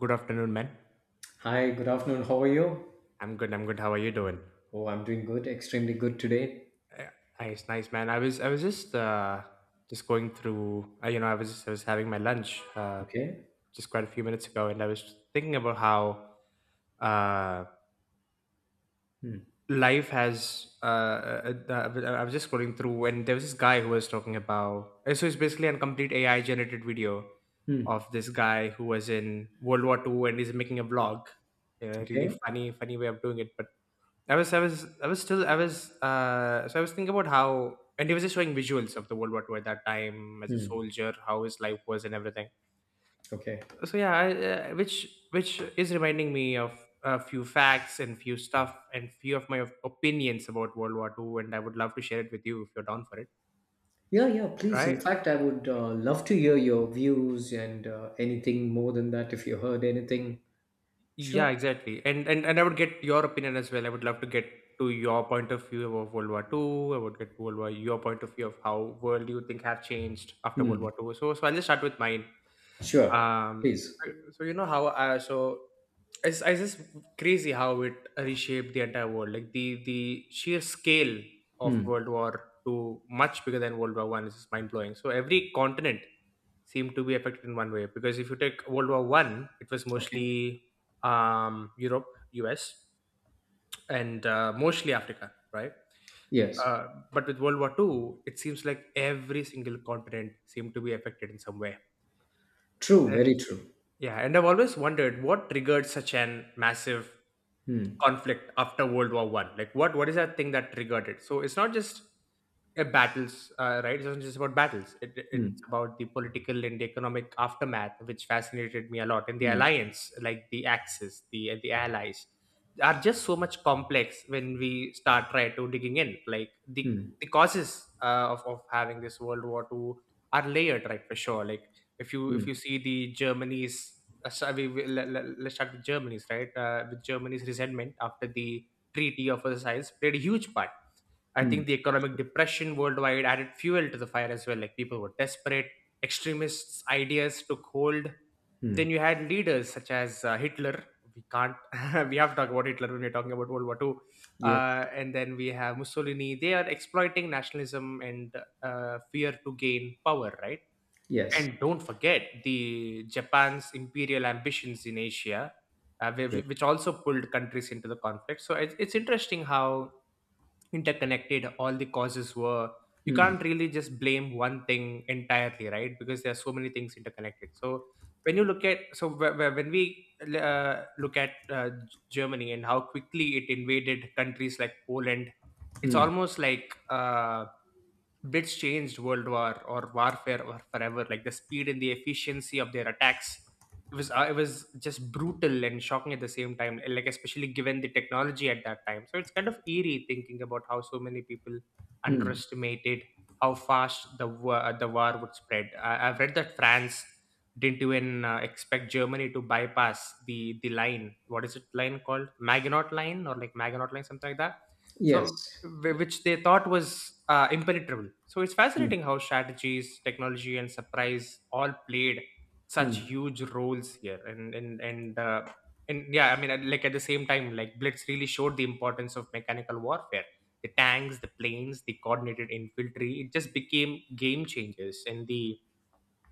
Good afternoon, man. Hi, good afternoon. How are you? I'm good. I'm good. How are you doing? Oh, I'm doing good, extremely good today. Uh, Nice, nice, man. I was just going through. I was having my lunch, Okay. just quite a few minutes ago, and I was thinking about how, uh, Hmm. life has. I was just scrolling through, and there was this guy who was talking about. So it's basically a complete AI generated video Hmm. of this guy who was in World War II, and he's making a vlog. A really Okay. funny, funny way of doing it, but I was still, so I was thinking about how, and he was just showing visuals of the World War II at that time as a Hmm. soldier, how his life was and everything. Okay. So yeah, which is reminding me of a few facts and few stuff and few of my opinions about World War II, and I would love to share it with you if you're down for it, Yeah, yeah, please. right? In fact, I would love to hear your views and anything more than that if you heard anything. Yeah, Sure. exactly. And I would get your opinion as well. I would love to get to your point of view of World War II. I would get to World War your point of view of how world you think have changed after World Hmm. War II. So I'll just start with mine. Sure. um Please. so you know how so it's just crazy how it reshaped the entire world, like the sheer scale of Hmm. World War II, much bigger than World War I, is just mind-blowing. So every continent seemed to be affected in one way, because if you take World War I, it was Okay. mostly Europe, US, and mostly Africa, right? Yes. uh, but with World War II it seems like every single continent seemed to be affected in some way. True, very And. true. Yeah, and I've always wondered what triggered such an massive Hmm. conflict after World War I. Like, what is that thing that triggered it? So it's not just battles, right? It's not just about battles. It's Hmm. about the political and economic aftermath, which fascinated me a lot. And the Hmm. alliance, like the Axis, the Allies, are just so much complex when we start try to digging in. Like the Hmm. the causes of having this World War II are layered, right? For sure. Like, if you Hmm. see the Germany's. So let's start with Germany's, right? With Germany's resentment after the Treaty of Versailles played a huge part. I Hmm. think the economic depression worldwide added fuel to the fire as well. Like, people were desperate, extremists' ideas took hold. Then Hmm. you had leaders such as Hitler. We can't we have to talk about Hitler when we're talking about World War II. Yes. And then we have Mussolini. They are exploiting nationalism and fear to gain power, right? Yes. And don't forget the Japan's imperial ambitions in Asia, True. which also pulled countries into the conflict. So it's interesting how interconnected all the causes were. You Hmm. can't really just blame one thing entirely, right? Because there are so many things interconnected. So when you look at, so when we look at Germany and how quickly it invaded countries like Poland, it's Hmm. almost like blitz changed world war or warfare or forever. Like the speed and the efficiency of their attacks, it was it was just brutal and shocking at the same time, and like especially given the technology at that time. So it's kind of eerie thinking about how so many people Hmm. underestimated how fast the war would spread. I've read that France didn't even expect Germany to bypass the line. What is it line called, Maginot Line, or like Maginot Line, something like that? So Yes. Which they thought was impenetrable. So it's Hmm. fascinating how strategies, technology, and surprise all played such Hmm. huge roles here. And and yeah, I mean, like at the same time, like blitz really showed the importance of mechanical warfare: the tanks, the planes, the coordinated infantry. It just became game changers. And the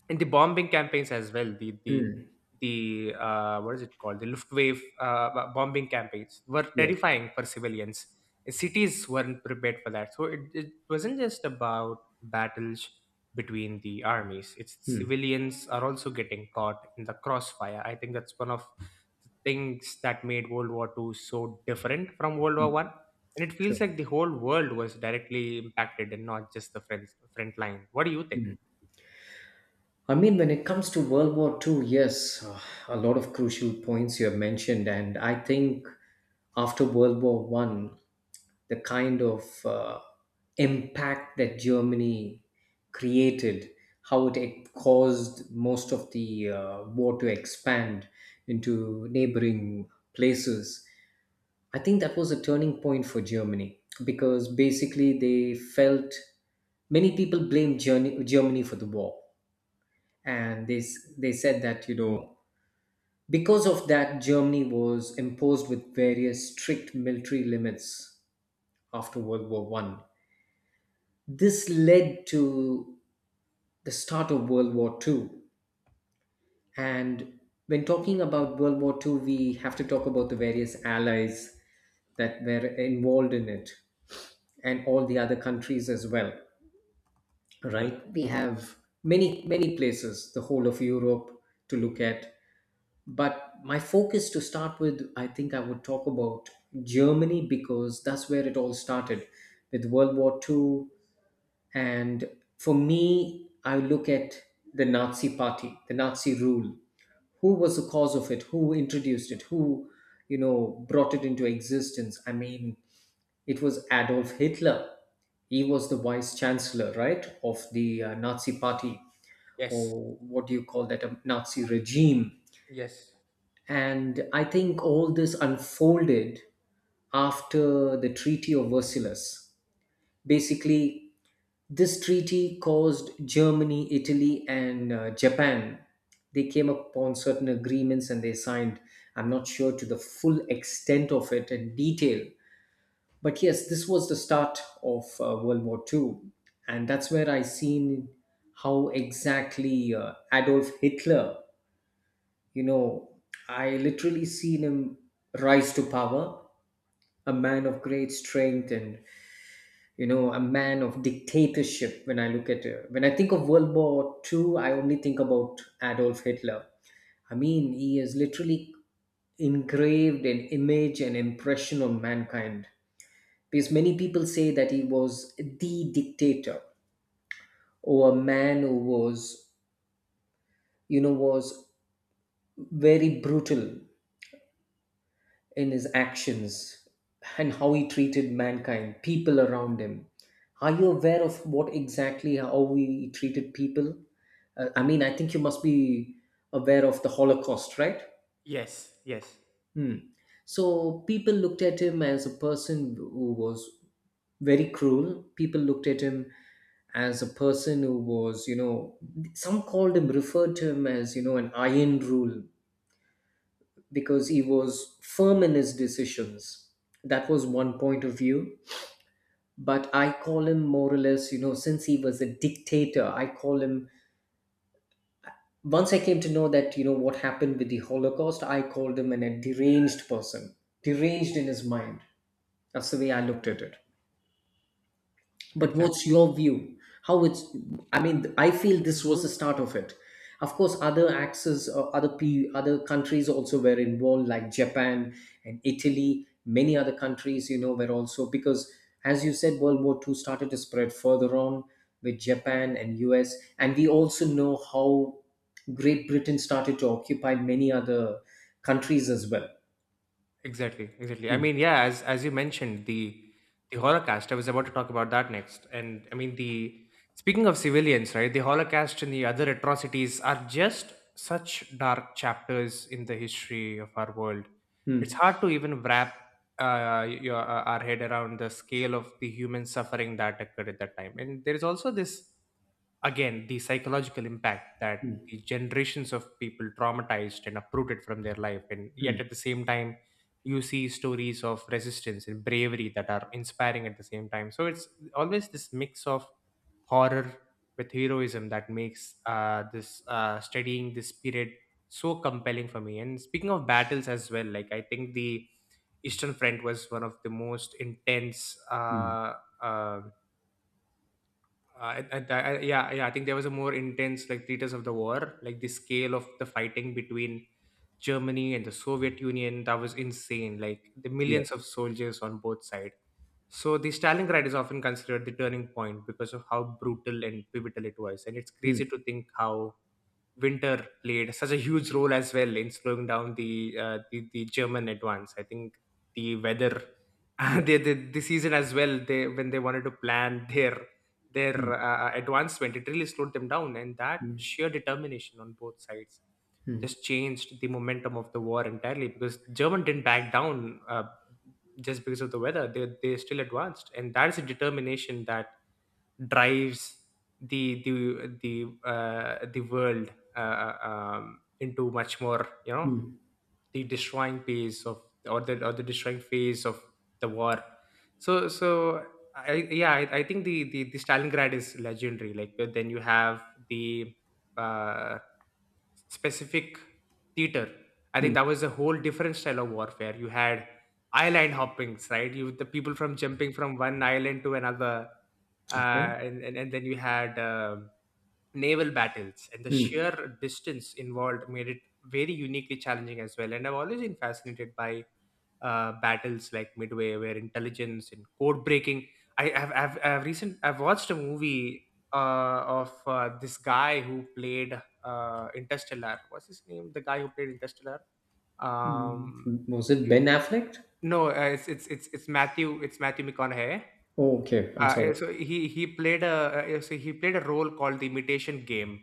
and the bombing campaigns as well, Hmm. the what is it called, the Luftwaffe bombing campaigns, were Yes. terrifying for civilians. Cities weren't prepared for that. So it wasn't just about battles between the armies. It's Hmm. civilians are also getting caught in the crossfire. I think that's one of the things that made World War II so different from World War I. And it feels Sure. like the whole world was directly impacted and not just the front line. What do you think? I mean, when it comes to World War Two, yes, a lot of crucial points you have mentioned, and I think after World War One, the kind of impact that Germany created, how it caused most of the war to expand into neighboring places. I think that was a turning point for Germany because basically they felt many people blamed Germany for the war, and they said that, you know, because of that, Germany was imposed with various strict military limits after World War One. This led to the start of World War Two, and when talking about World War Two, we have to talk about the various allies that were involved in it and all the other countries as well. Right? We have many, many places, the whole of Europe to look at. But my focus to start with, I think I would talk about Germany because that's where it all started with World War Two. And for me, I look at the Nazi party, the Nazi rule. Who was the cause of it? Who introduced it? Who, you know, brought it into existence? I mean, it was Adolf Hitler. He was the vice chancellor, right, of the Nazi party, Yes, or what do you call that, a Nazi regime. yes, And I think all this unfolded after the Treaty of Versailles. Basically, this treaty caused Germany, Italy, and Japan. They came upon certain agreements and they signed. I'm not sure to the full extent of it and detail, but yes, this was the start of World War Two, and that's where I seen how exactly Adolf Hitler, you know, I literally seen him rise to power, a man of great strength and, you know, a man of dictatorship. When I think of World War Two, I only think about Adolf Hitler. I mean, he has literally engraved an image and impression on mankind. Because many people say that he was the dictator or a man who was very brutal in his actions and how he treated mankind, people around him. Are you aware of what exactly how he treated people? I mean, I think you must be aware of the Holocaust, right? yes, yes. Hmm. So people looked at him as a person who was very cruel. People looked at him as a person who was, you know, some called him, referred to him as, you know, an iron rule because he was firm in his decisions. That was one point of view. But I call him more or less, you know, since he was a dictator, I call him. Once I came to know that, you know, what happened with the Holocaust, I called him a deranged person, deranged in his mind. That's the way I looked at it. But Exactly, what's your view, how it's I mean, I feel this was the start of it. Of course, other axes or other countries also were involved, like Japan and Italy, many other countries, you know, were also. Because as you said, World War II started to spread further on with Japan and US, and we also know how Great Britain started to occupy many other countries as well. exactly, exactly. I Mm, mean, yeah, as you mentioned, the Holocaust. I was about to talk about that next. And I mean, the speaking of civilians, right? The Holocaust and the other atrocities are just such dark chapters in the history of our world. It's mm, hard to even wrap our head around the scale of the human suffering that occurred at that time. And there is also this, again, the psychological impact, that the mm, generations of people traumatized and uprooted from their life, and yet mm, at the same time you see stories of resistance and bravery that are inspiring at the same time. So it's always this mix of horror with heroism that makes this studying this period so compelling for me. And speaking of battles as well, like I think the eastern front was one of the most intense. mm. uh, um yeah, yeah, I think there was a more intense like treatise of the war, like the scale of the fighting between Germany and the Soviet Union. That was insane, like the millions of Yes. soldiers on both sides. So the Stalingrad is often considered the turning point because of how brutal and pivotal it was. And it's Mm, crazy to think how Winter played such a huge role as well in slowing down the German advance. I think the weather, the, yes. the the season as well. They When they wanted to plan their Mm, advancement, it really slowed them down. And that mm, sheer determination on both sides mm, just changed the momentum of the war entirely, because German didn't back down just because of the weather. They still advanced. And that is a determination that drives the the the the world into much more, mm. the destroying phase of, or the destroying phase of the war. So I think the Stalingrad is legendary. Like, then you have the uh, specific theater. I think Hmm. that was a whole different style of warfare. You had island hoppings, right? you The people, from jumping from one island to another. Okay. And then you had naval battles, and the Hmm. sheer distance involved made it very uniquely challenging as well. And I've always been fascinated by battles like Midway, where intelligence and code breaking. I have i've, I've I've recent i've watched a movie of this guy who played Interstellar. What's his name, the guy who played Interstellar? Mm. um Was it Ben Affleck? no, it's Matthew McConaughey. Oh, okay. I'm Yeah, sorry. so he played a, yeah, so he played a role called The Imitation Game.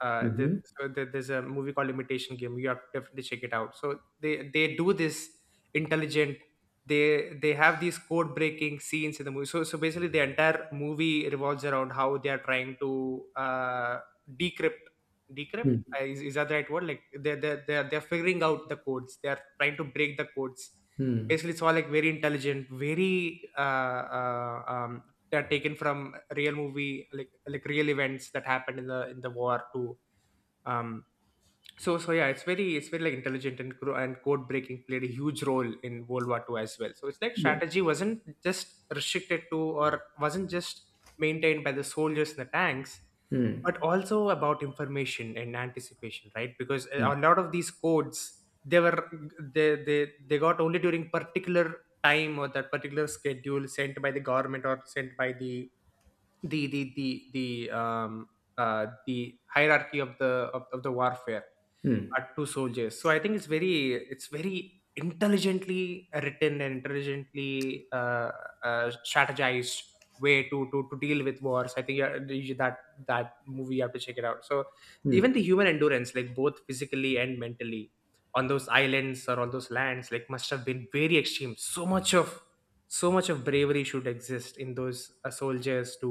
Mm-hmm. There's a movie called Imitation Game. You have to definitely check it out. So they do this intelligent. They have these code breaking scenes in the movie. So basically, the entire movie revolves around how they are trying to decrypt decrypt. Mm. Is that the right word? Like they're figuring out the codes. They are trying to break the codes. Mm. Basically, it's all like very intelligent, very that are taken from real movie like real events that happened in the war too. um so yeah, it's very, it's very like intelligent and code breaking played a huge role in World War Two as well. So it's like Yes. strategy wasn't just restricted to, or wasn't just maintained by the soldiers and the tanks, Mm. but also about information and anticipation, right? Because Mm. a lot of these codes, they were they they, they got only during particular time or that particular schedule, sent by the government or sent by the the the the um the hierarchy of the warfare, Mm. are two soldiers. So I think it's very, it's very intelligently written and intelligently strategized way to deal with wars, I think. That that movie, you have to check it out. So Mm. even the human endurance, like both physically and mentally, on those islands or on those lands, like must have been very extreme. So much of, so much of bravery should exist in those soldiers to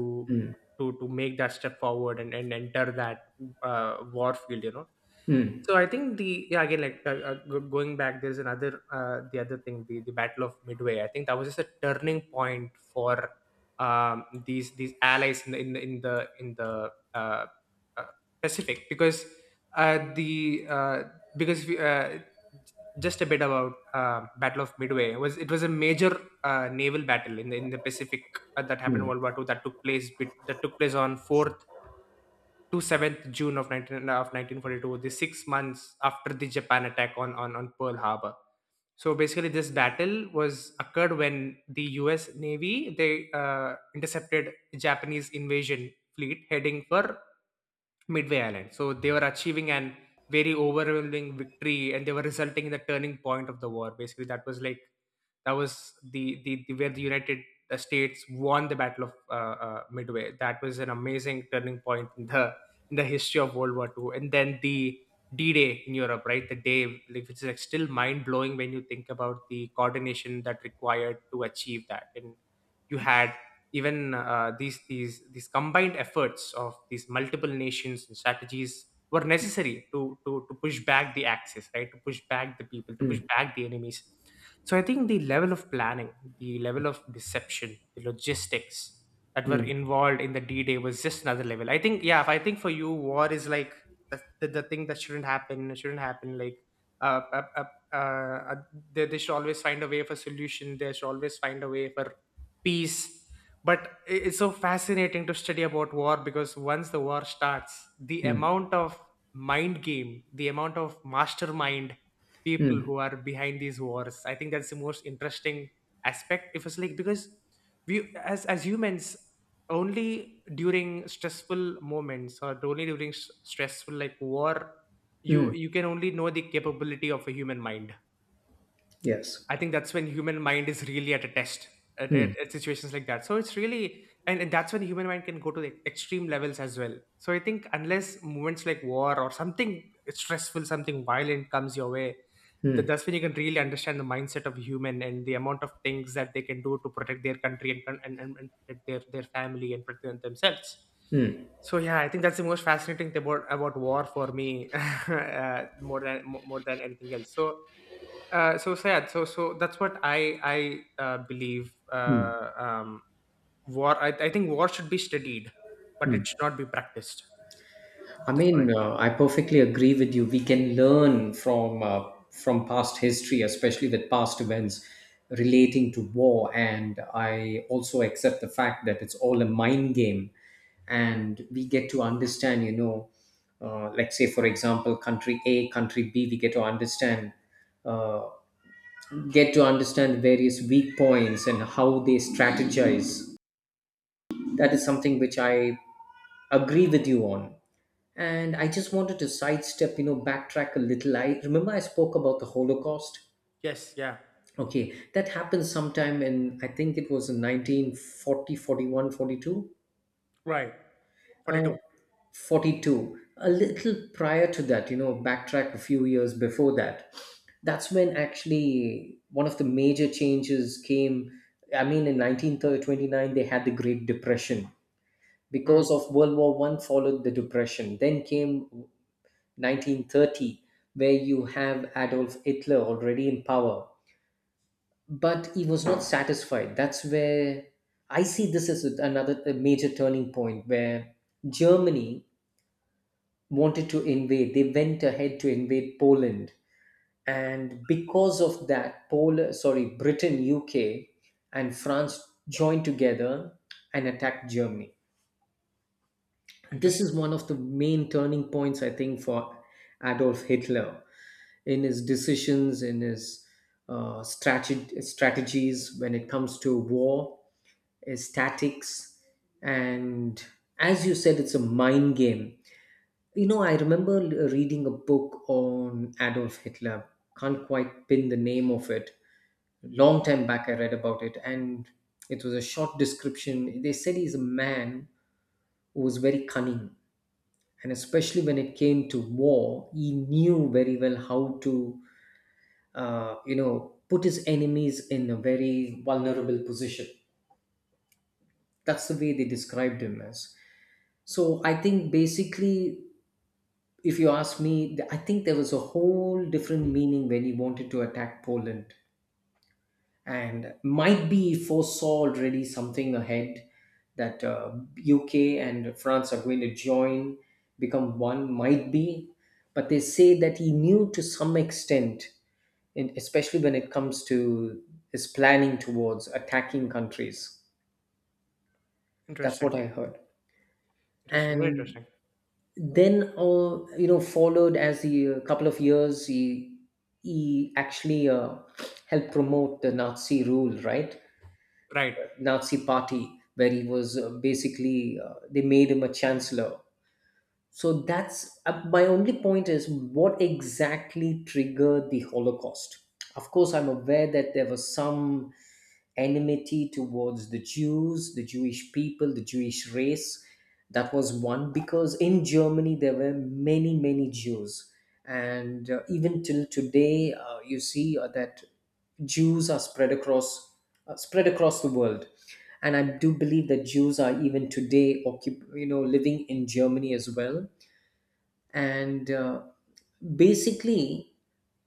to make that step forward and enter that war field, you know. Mm. So I think the, yeah, again, like going back, there's another, the other thing, the Battle of Midway. I think that was just a turning point for these allies in the in the in the, in the uh, Pacific. Because the because we, j- just a bit about Battle of Midway. Was it was a major naval battle in the Pacific that happened in Mm. World War Two. That took place on 4th to 7th June of 19 uh, of 1942, the 6 months after the Japan attack on on Pearl Harbor. So basically, this battle was occurred when the US Navy, they intercepted Japanese invasion fleet heading for Midway Island. So they were achieving an very overwhelming victory, and they were resulting in the turning point of the war. Basically, that was like, that was the, where the United States won the Battle of Midway. That was an amazing turning point in the, in the history of World War Two. And then the D Day in Europe, right? The day like, which is like still mind blowing when you think about the coordination that required to achieve that. And you had even these these combined efforts of these multiple nations and strategies were necessary to push back the axis, right? To push back the people, to push Mm. back the enemies. So I think the level of planning, the level of deception, the logistics that were Mm. involved in the D Day was just another level, I think. Yeah, if I think for you, war is like the thing that shouldn't happen, shouldn't happen. Like uh, uh, uh, uh, uh, they should always find a way for solution. They should always find a way for peace. But I- it's so fascinating to study about war, because once the war starts, the amount of mind game, the amount of mastermind people who are behind these wars, I think that's the most interesting aspect. If it's like, because we, as humans, only during stressful moments or only during s- stressful, like war, you Mm. you can only know the capability of a human mind. Yes. I think that's when human mind is really at a test at situations like that. So it's really, and that's when human mind can go to the extreme levels as well. So I think unless moments like war or something stressful, something violent comes your way, th- Mm. that's when you can really understand the mindset of human and the amount of things that they can do to protect their country and con- and protect their family and protect themselves. Mm. So yeah, I think that's the most fascinating thing about war for me, more than more than anything else. So so sad. So that's what I believe, Mm. War. I think war should be studied, but it should not be practiced. I That's what I mean, feel. I perfectly agree with you. We can learn from from past history, especially with past events relating to war. And I also accept the fact that it's all a mind game, and we get to understand. You know, like, say for example, country A, country B. We get to understand various weak points and how they strategize. That is something which I agree with you on. And I just wanted to sidestep, you know, backtrack a little. I remember I spoke about the Holocaust. Yes, yeah. Okay, that happened sometime in, I think it was in 1940, Right. uh, 42, 42. A I think. little prior to that, you know, backtrack a few years before that. That's when actually one of the major changes came. I mean, in 1929 they had the Great Depression Hmm. because of World War One. Followed the depression, then came 1930, where you have Adolf Hitler already in power. But he was not satisfied. That's where I see this as another a major turning point, where Germany wanted to invade. They went ahead to invade Poland. And because of that, sorry, Britain, UK, and France joined together and attacked Germany. This is Interesting. one of the main turning points, I think, for Adolf Hitler in his decisions, in his strategies when it comes to war, his tactics. And as you said, it's a mind game. You know, I remember reading a book on Adolf Hitler. Can't quite pin the name of it. Long time back, I read about it, and it was a short description. They said he's a man who was very cunning, and especially when it came to war, he knew very well how to you know, put his enemies in a very vulnerable position. That's the way they described him as. So I think basically, if you ask me, I think there was a whole different meaning when he wanted to attack Poland, and might be he foresaw already something ahead, that UK and France are going to join, become one. Might be, but they say that he knew to some extent in, especially when it comes to his planning towards attacking countries. That's Interesting. what I heard. Interesting. Very And interesting. then, you know, followed as he, a couple of years, he actually helped promote the Nazi rule, right? Right. Nazi party, where he was basically they made him a chancellor. So that's my only point is what exactly triggered the Holocaust. Of course, I'm aware that there was some enmity towards the Jews, the Jewish people, the Jewish race. That was one, because in Germany there were many, many Jews. And even till today, you see that Jews are spread across the world, and I do believe that Jews are even today living in Germany as well. And basically,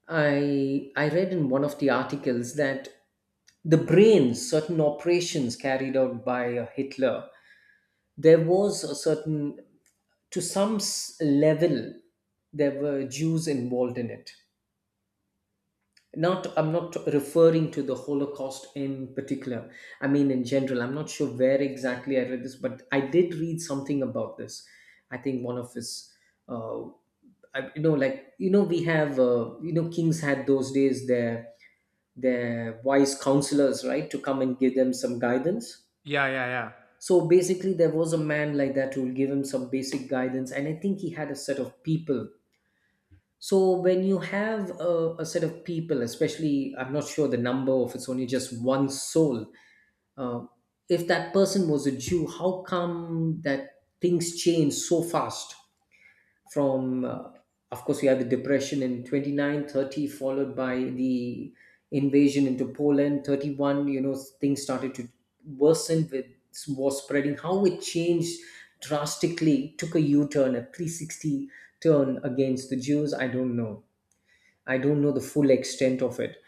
I read in one of the articles that the brain, certain operations carried out by Hitler, there was a certain, to some level, there were Jews involved in it. Not, I'm not referring to the Holocaust in particular. I mean, in general, I'm not sure where exactly I read this, but I did read something about this. I think one of his, uh, I, you know, like you know, kings had those days, their wise counselors, right, to come and give them some guidance. Yeah, yeah, yeah. So basically, there was a man like that who will give him some basic guidance, and I think he had a set of people. So when you have a set of people, especially, I'm not sure the number of it's only just one soul. Uh, if that person was a Jew, how come that things change so fast? From Of course, we had the depression in 29 30, followed by the invasion into Poland 31, you know, things started to worsen with war spreading, how it changed drastically, took a U-turn, a 360 turn against the Jews. I don't know. I don't know the full extent of it,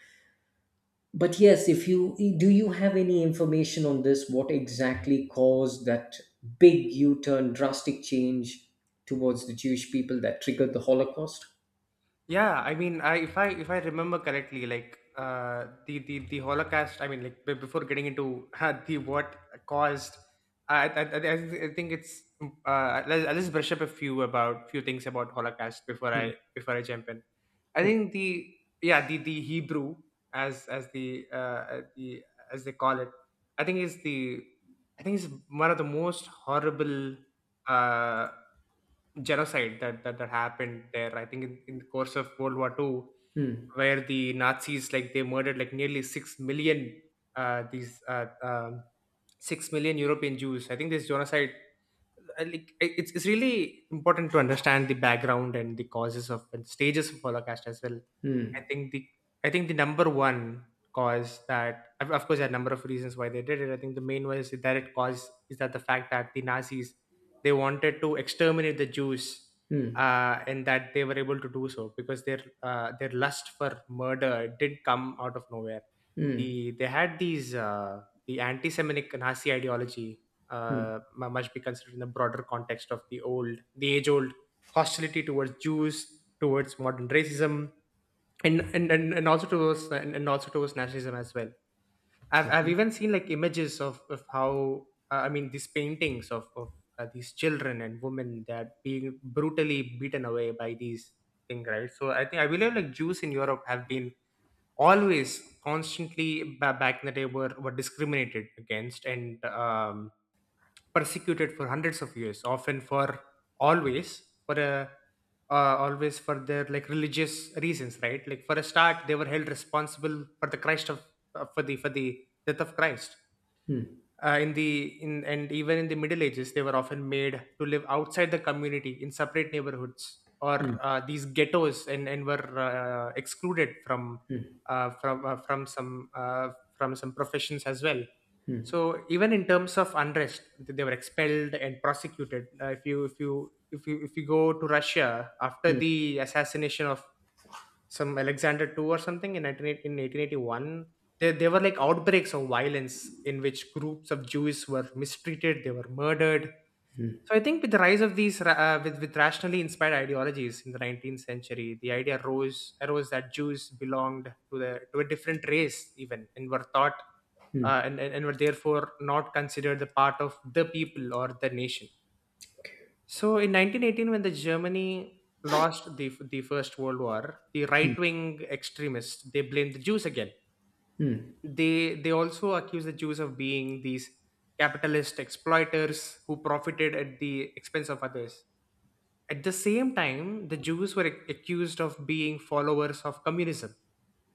but yes, if you do, you have any information on this, what exactly caused that big U turn, drastic change towards the Jewish people that triggered the Holocaust? Yeah, I mean, I if I if I remember correctly, like the the Holocaust. I mean, like, before getting into, the what caused, I think it's let's, I'll just brush up a few about few things about Holocaust Hmm. Before I jump in. I Okay. think the, yeah, the Hebrew, as the the, as they call it. I think is the, I think is one of the most horrible Uh, genocide that happened there, I think, in the course of World War Two, Hmm. where the Nazis, like, they murdered like nearly 6 million these 6 million European Jews. I think this genocide, I like, I- it's really important to understand the background and the causes of and stages of Holocaust as well. I Hmm. think the, I think the number one cause, that of course, there are a number of reasons why they did it. I think the main one is the direct cause, is that the fact that the Nazis, they wanted to exterminate the Jews Hmm. And that they were able to do so because their lust for murder did come out of nowhere. Hmm. The, they had these the anti-Semitic Nazi ideology Hmm. Must be considered in the broader context of the old, the age-old hostility towards Jews, towards modern racism, and also towards, and also towards nationalism as well. I've Okay. even seen like images of how, I mean, these paintings of these children and women that are being brutally beaten away by these thing, right? So I think I believe, like Jews in Europe have been always constantly, back in the day, were discriminated against, and persecuted for hundreds of years, often for, always for a always for their like religious reasons, right? Like for a start, they were held responsible for the Christ of for the death of Christ Hmm. in and even in the middle ages, they were often made to live outside the community in separate neighborhoods or Hmm. These ghettos, and were excluded from uh, from uh, from some uh, from some professions as well. So even in terms of unrest, th- they were expelled and prosecuted. If you if you if you if you go to Russia after the assassination of some Alexander II or something in 1881, there were like outbreaks of violence in which groups of Jews were mistreated, they were murdered. So I think with the rise of these with rationally inspired ideologies in the 19th century, the idea arose that Jews belonged to the to a different race even, and were thought and were therefore not considered the part of the people or the nation. So in 1918, when the Germany lost the First World War, the right wing extremists, they blamed the Jews again. They also accused the Jews of being these capitalist exploiters who profited at the expense of others. At the same time, the Jews were accused of being followers of communism,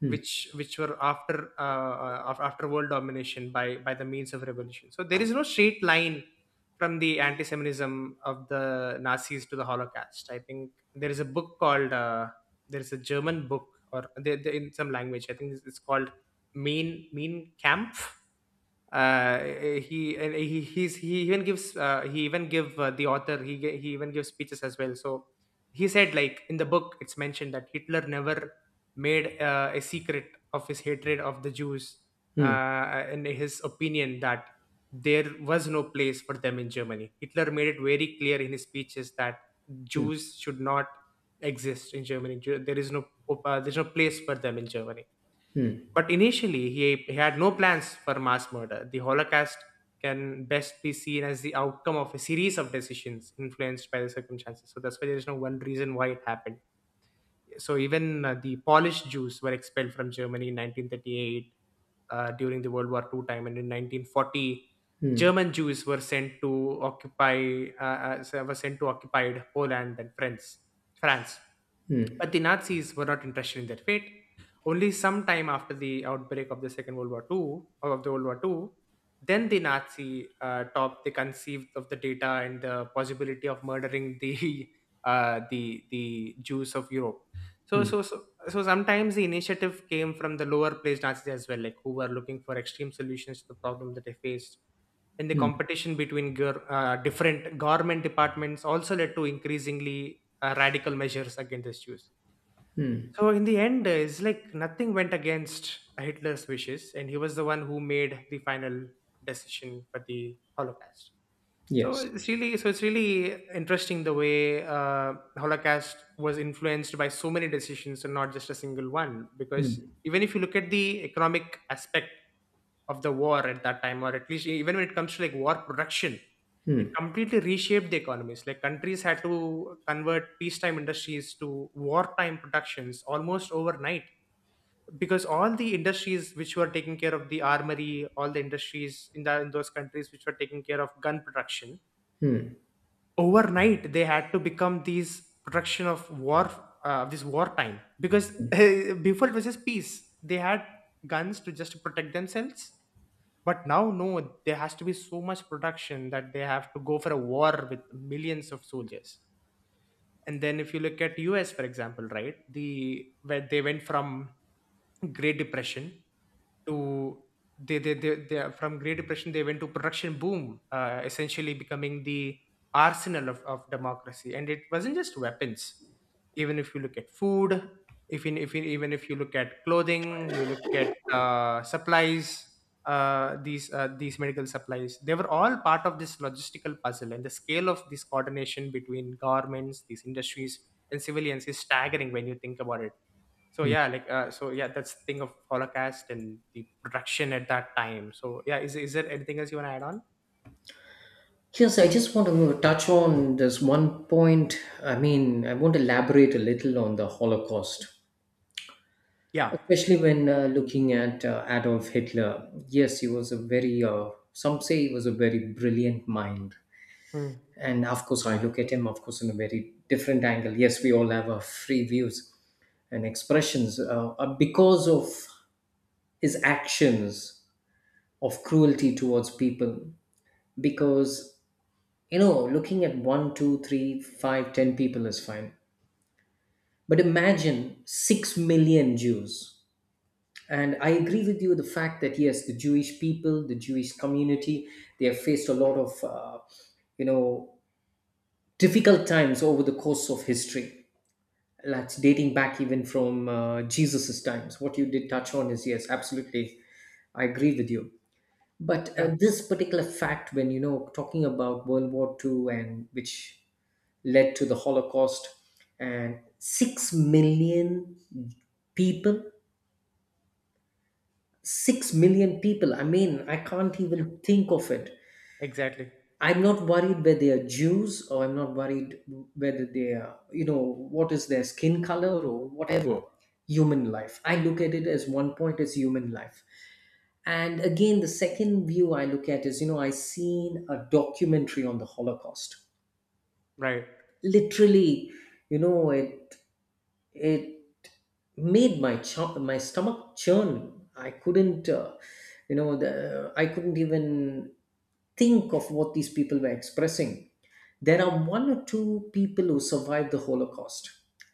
Hmm. Which were after after world domination by the means of revolution. So there is no straight line from the anti-Semitism of the Nazis to the Holocaust. I think there is a book called, there is a German book, or they- in some language, I think it's called Mean Camp. uh, he, and he he's, he even gives, he even give the author, he he even gives speeches as well. So he said like in the book, it's mentioned that Hitler never made a secret of his hatred of the Jews. Hmm. In his opinion that there was no place for them in Germany. Hitler made it very clear in his speeches that Hmm. Jews should not exist in Germany. There's no place for them in Germany. But initially, he had no plans for mass murder. The Holocaust can best be seen as the outcome of a series of decisions influenced by the circumstances. So that's why there is no one reason why it happened. So even the Polish Jews were expelled from Germany in 1938 during the World War II time, and in 1940, German Jews were sent to occupied Poland and France. France. Hmm. But the Nazis were not interested in their fate. Only some time after the outbreak of the Second World War two, or of the World War Two, then the Nazi top, they conceived of the data and the possibility of murdering the the Jews of Europe. So so so so sometimes the initiative came from the lower placed Nazis as well, like who were looking for extreme solutions to the problem that they faced, and the competition between different government departments also led to increasingly radical measures against the Jews. So in the end, it's like nothing went against Hitler's wishes, and he was the one who made the final decision for the Holocaust. Yes. So it's really interesting the way Holocaust was influenced by so many decisions and not just a single one. Because even if you look at the economic aspect of the war at that time, or at least even when it comes to like war production, it Hmm. completely reshaped the economies. Like countries had to convert peacetime industries to wartime productions almost overnight, because all the industries which were taking care of the armory, all the industries in those countries which were taking care of gun production, overnight they had to become these protection of war, this wartime, because before it was just peace, they had guns to just protect themselves. But now, no, there has to be so much production that they have to go for a war with millions of soldiers. And then if you look at US, for example, right, the where they went from great depression to, they from great depression, they went to production boom, essentially becoming the arsenal of democracy. And it wasn't just weapons. Even if you look at food, if in, even if you look at clothing, you look at supplies, these medical supplies, they were all part of this logistical puzzle. And the scale of this coordination between governments, these industries and civilians is staggering when you think about it. So yeah, like, so yeah, that's the thing of Holocaust and the production at that time. So yeah, is there anything else you want to add on? Yes, I just want to touch on this one point. I mean, I want to elaborate a little on the Holocaust. Yeah. Especially when looking at Adolf Hitler, yes, he was a very, some say he was a very brilliant mind. Hmm. And of course, I look at him, of course, in a very different angle. Yes, we all have our free views and expressions, because of his actions of cruelty towards people. Because, you know, looking at one, two, three, five, ten people is fine. But imagine 6 million Jews. And I agree with you, the fact that, yes, the Jewish people, the Jewish community, they have faced a lot of you know difficult times over the course of history. That's dating back even from Jesus's times. What you did touch on is, yes, absolutely, I agree with you. But Yeah. this particular fact, when talking about World War II, and which led to the Holocaust, and 6 million people. 6 million people. I mean, I can't even think of it. Exactly. I'm not worried whether they are Jews, or I'm not worried whether they are, what is their skin color or whatever. Human life. I look at it as one point, as human life. And again, the second view I look at is, I seen a documentary on the Holocaust. Right. Literally, you know, it it made my ch my stomach churn. I couldn't even think of what these people were expressing. There are one or two people who survived the Holocaust,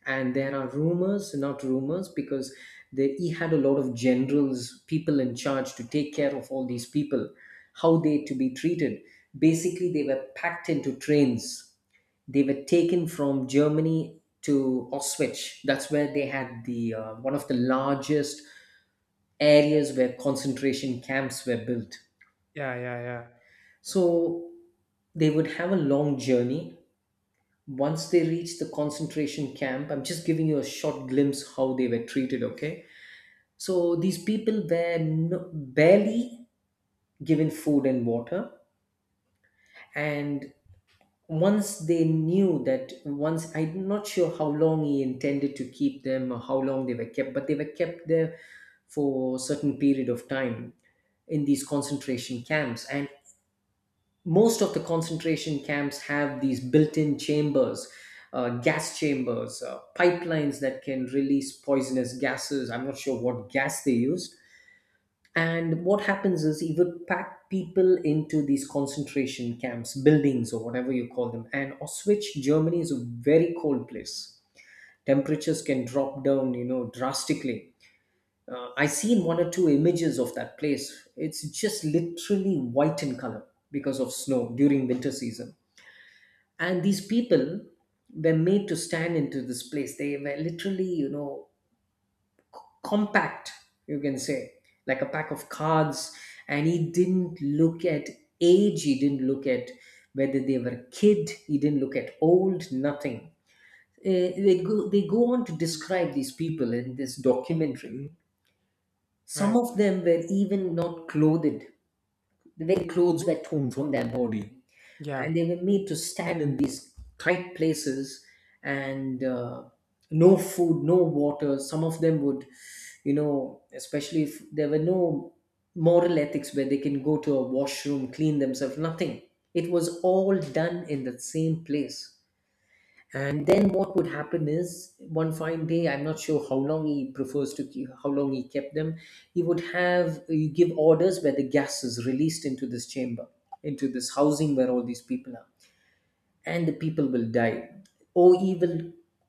and there are rumors, not rumors, because he had a lot of generals, people in charge to take care of all these people, how they to be treated. Basically, they were packed into trains. They were taken from Germany to Auschwitz. That's where they had the, one of the largest areas where concentration camps were built. Yeah, yeah, yeah. So they would have a long journey. Once they reached the concentration camp, I'm just giving you a short glimpse how they were treated. Okay, so these people were, no, barely given food and water. And once they knew that, once I'm not sure how long he intended to keep them or how long they were kept, but they were kept there for a certain period of time in these concentration camps. And most of the concentration camps have these built-in chambers, gas chambers, pipelines that can release poisonous gases. I'm not sure what gas they used, and what happens is, he would pack people into these concentration camps, buildings, or whatever you call them. And Auschwitz, Germany is a very cold place. Temperatures can drop down, drastically. I seen one or two images of that place. It's just literally white in color because of snow during winter season. And these people were made to stand into this place. They were literally, compact, you can say, like a pack of cards. And he didn't look at age, he didn't look at whether they were a kid, he didn't look at old, nothing. They go on to describe these people in this documentary. Some Right. of them were even not clothed, their clothes were torn from their body, Yeah, and they were made to stand in these tight places. And no food, no water. Some of them would, especially if there were no moral ethics where they can go to a washroom, clean themselves, nothing. It was all done in the same place. And then what would happen is, one fine day, I'm not sure how long he prefers to keep, how long he kept them. He would have, he give orders where the gas is released into this chamber, into this housing where all these people are, and the people will die. Oh, evil.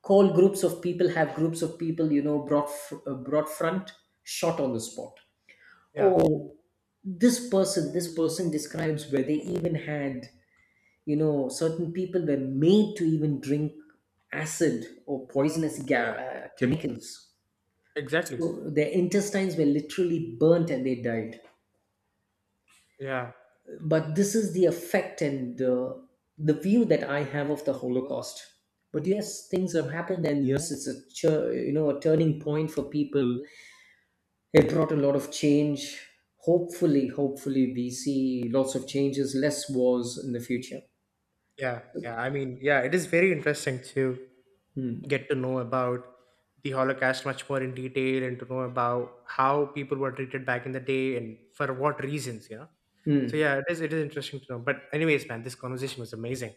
Call groups of people, have groups of people, brought brought front, shot on the spot. yeah. Oh, this person describes where they even had, certain people were made to even drink acid or poisonous chemicals. Exactly. So their intestines were literally burnt, and they died. Yeah. But this is the effect, and the view that I have of the Holocaust. But yes, things have happened, and yes, it's a a turning point for people. It brought a lot of change. Hopefully, hopefully we see lots of changes, less wars in the future. Yeah, yeah. I mean, yeah, it is very interesting to get to know about the Holocaust much more in detail, and to know about how people were treated back in the day and for what reasons, you know. So Hmm. yeah, it is, it is interesting to know. But anyways, man, this conversation was amazing.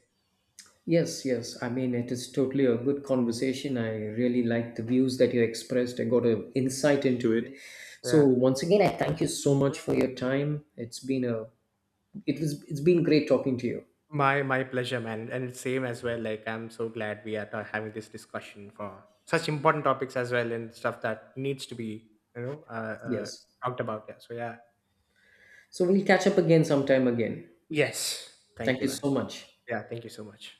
Yes, yes. I mean, it is totally a good conversation. I really like the views that you expressed. I got an insight into it. So Yeah. once again, I thank you so much for your time. It's been a it's been great talking to you. My pleasure, man. And it's same as well. Like, I'm so glad we are having this discussion for such important topics as well, and stuff that needs to be, you know, uh Yes. talked about. Yeah. So yeah. So we'll catch up again sometime again. Yes. Thank Thank you, you man. so much. Yeah, thank you so much.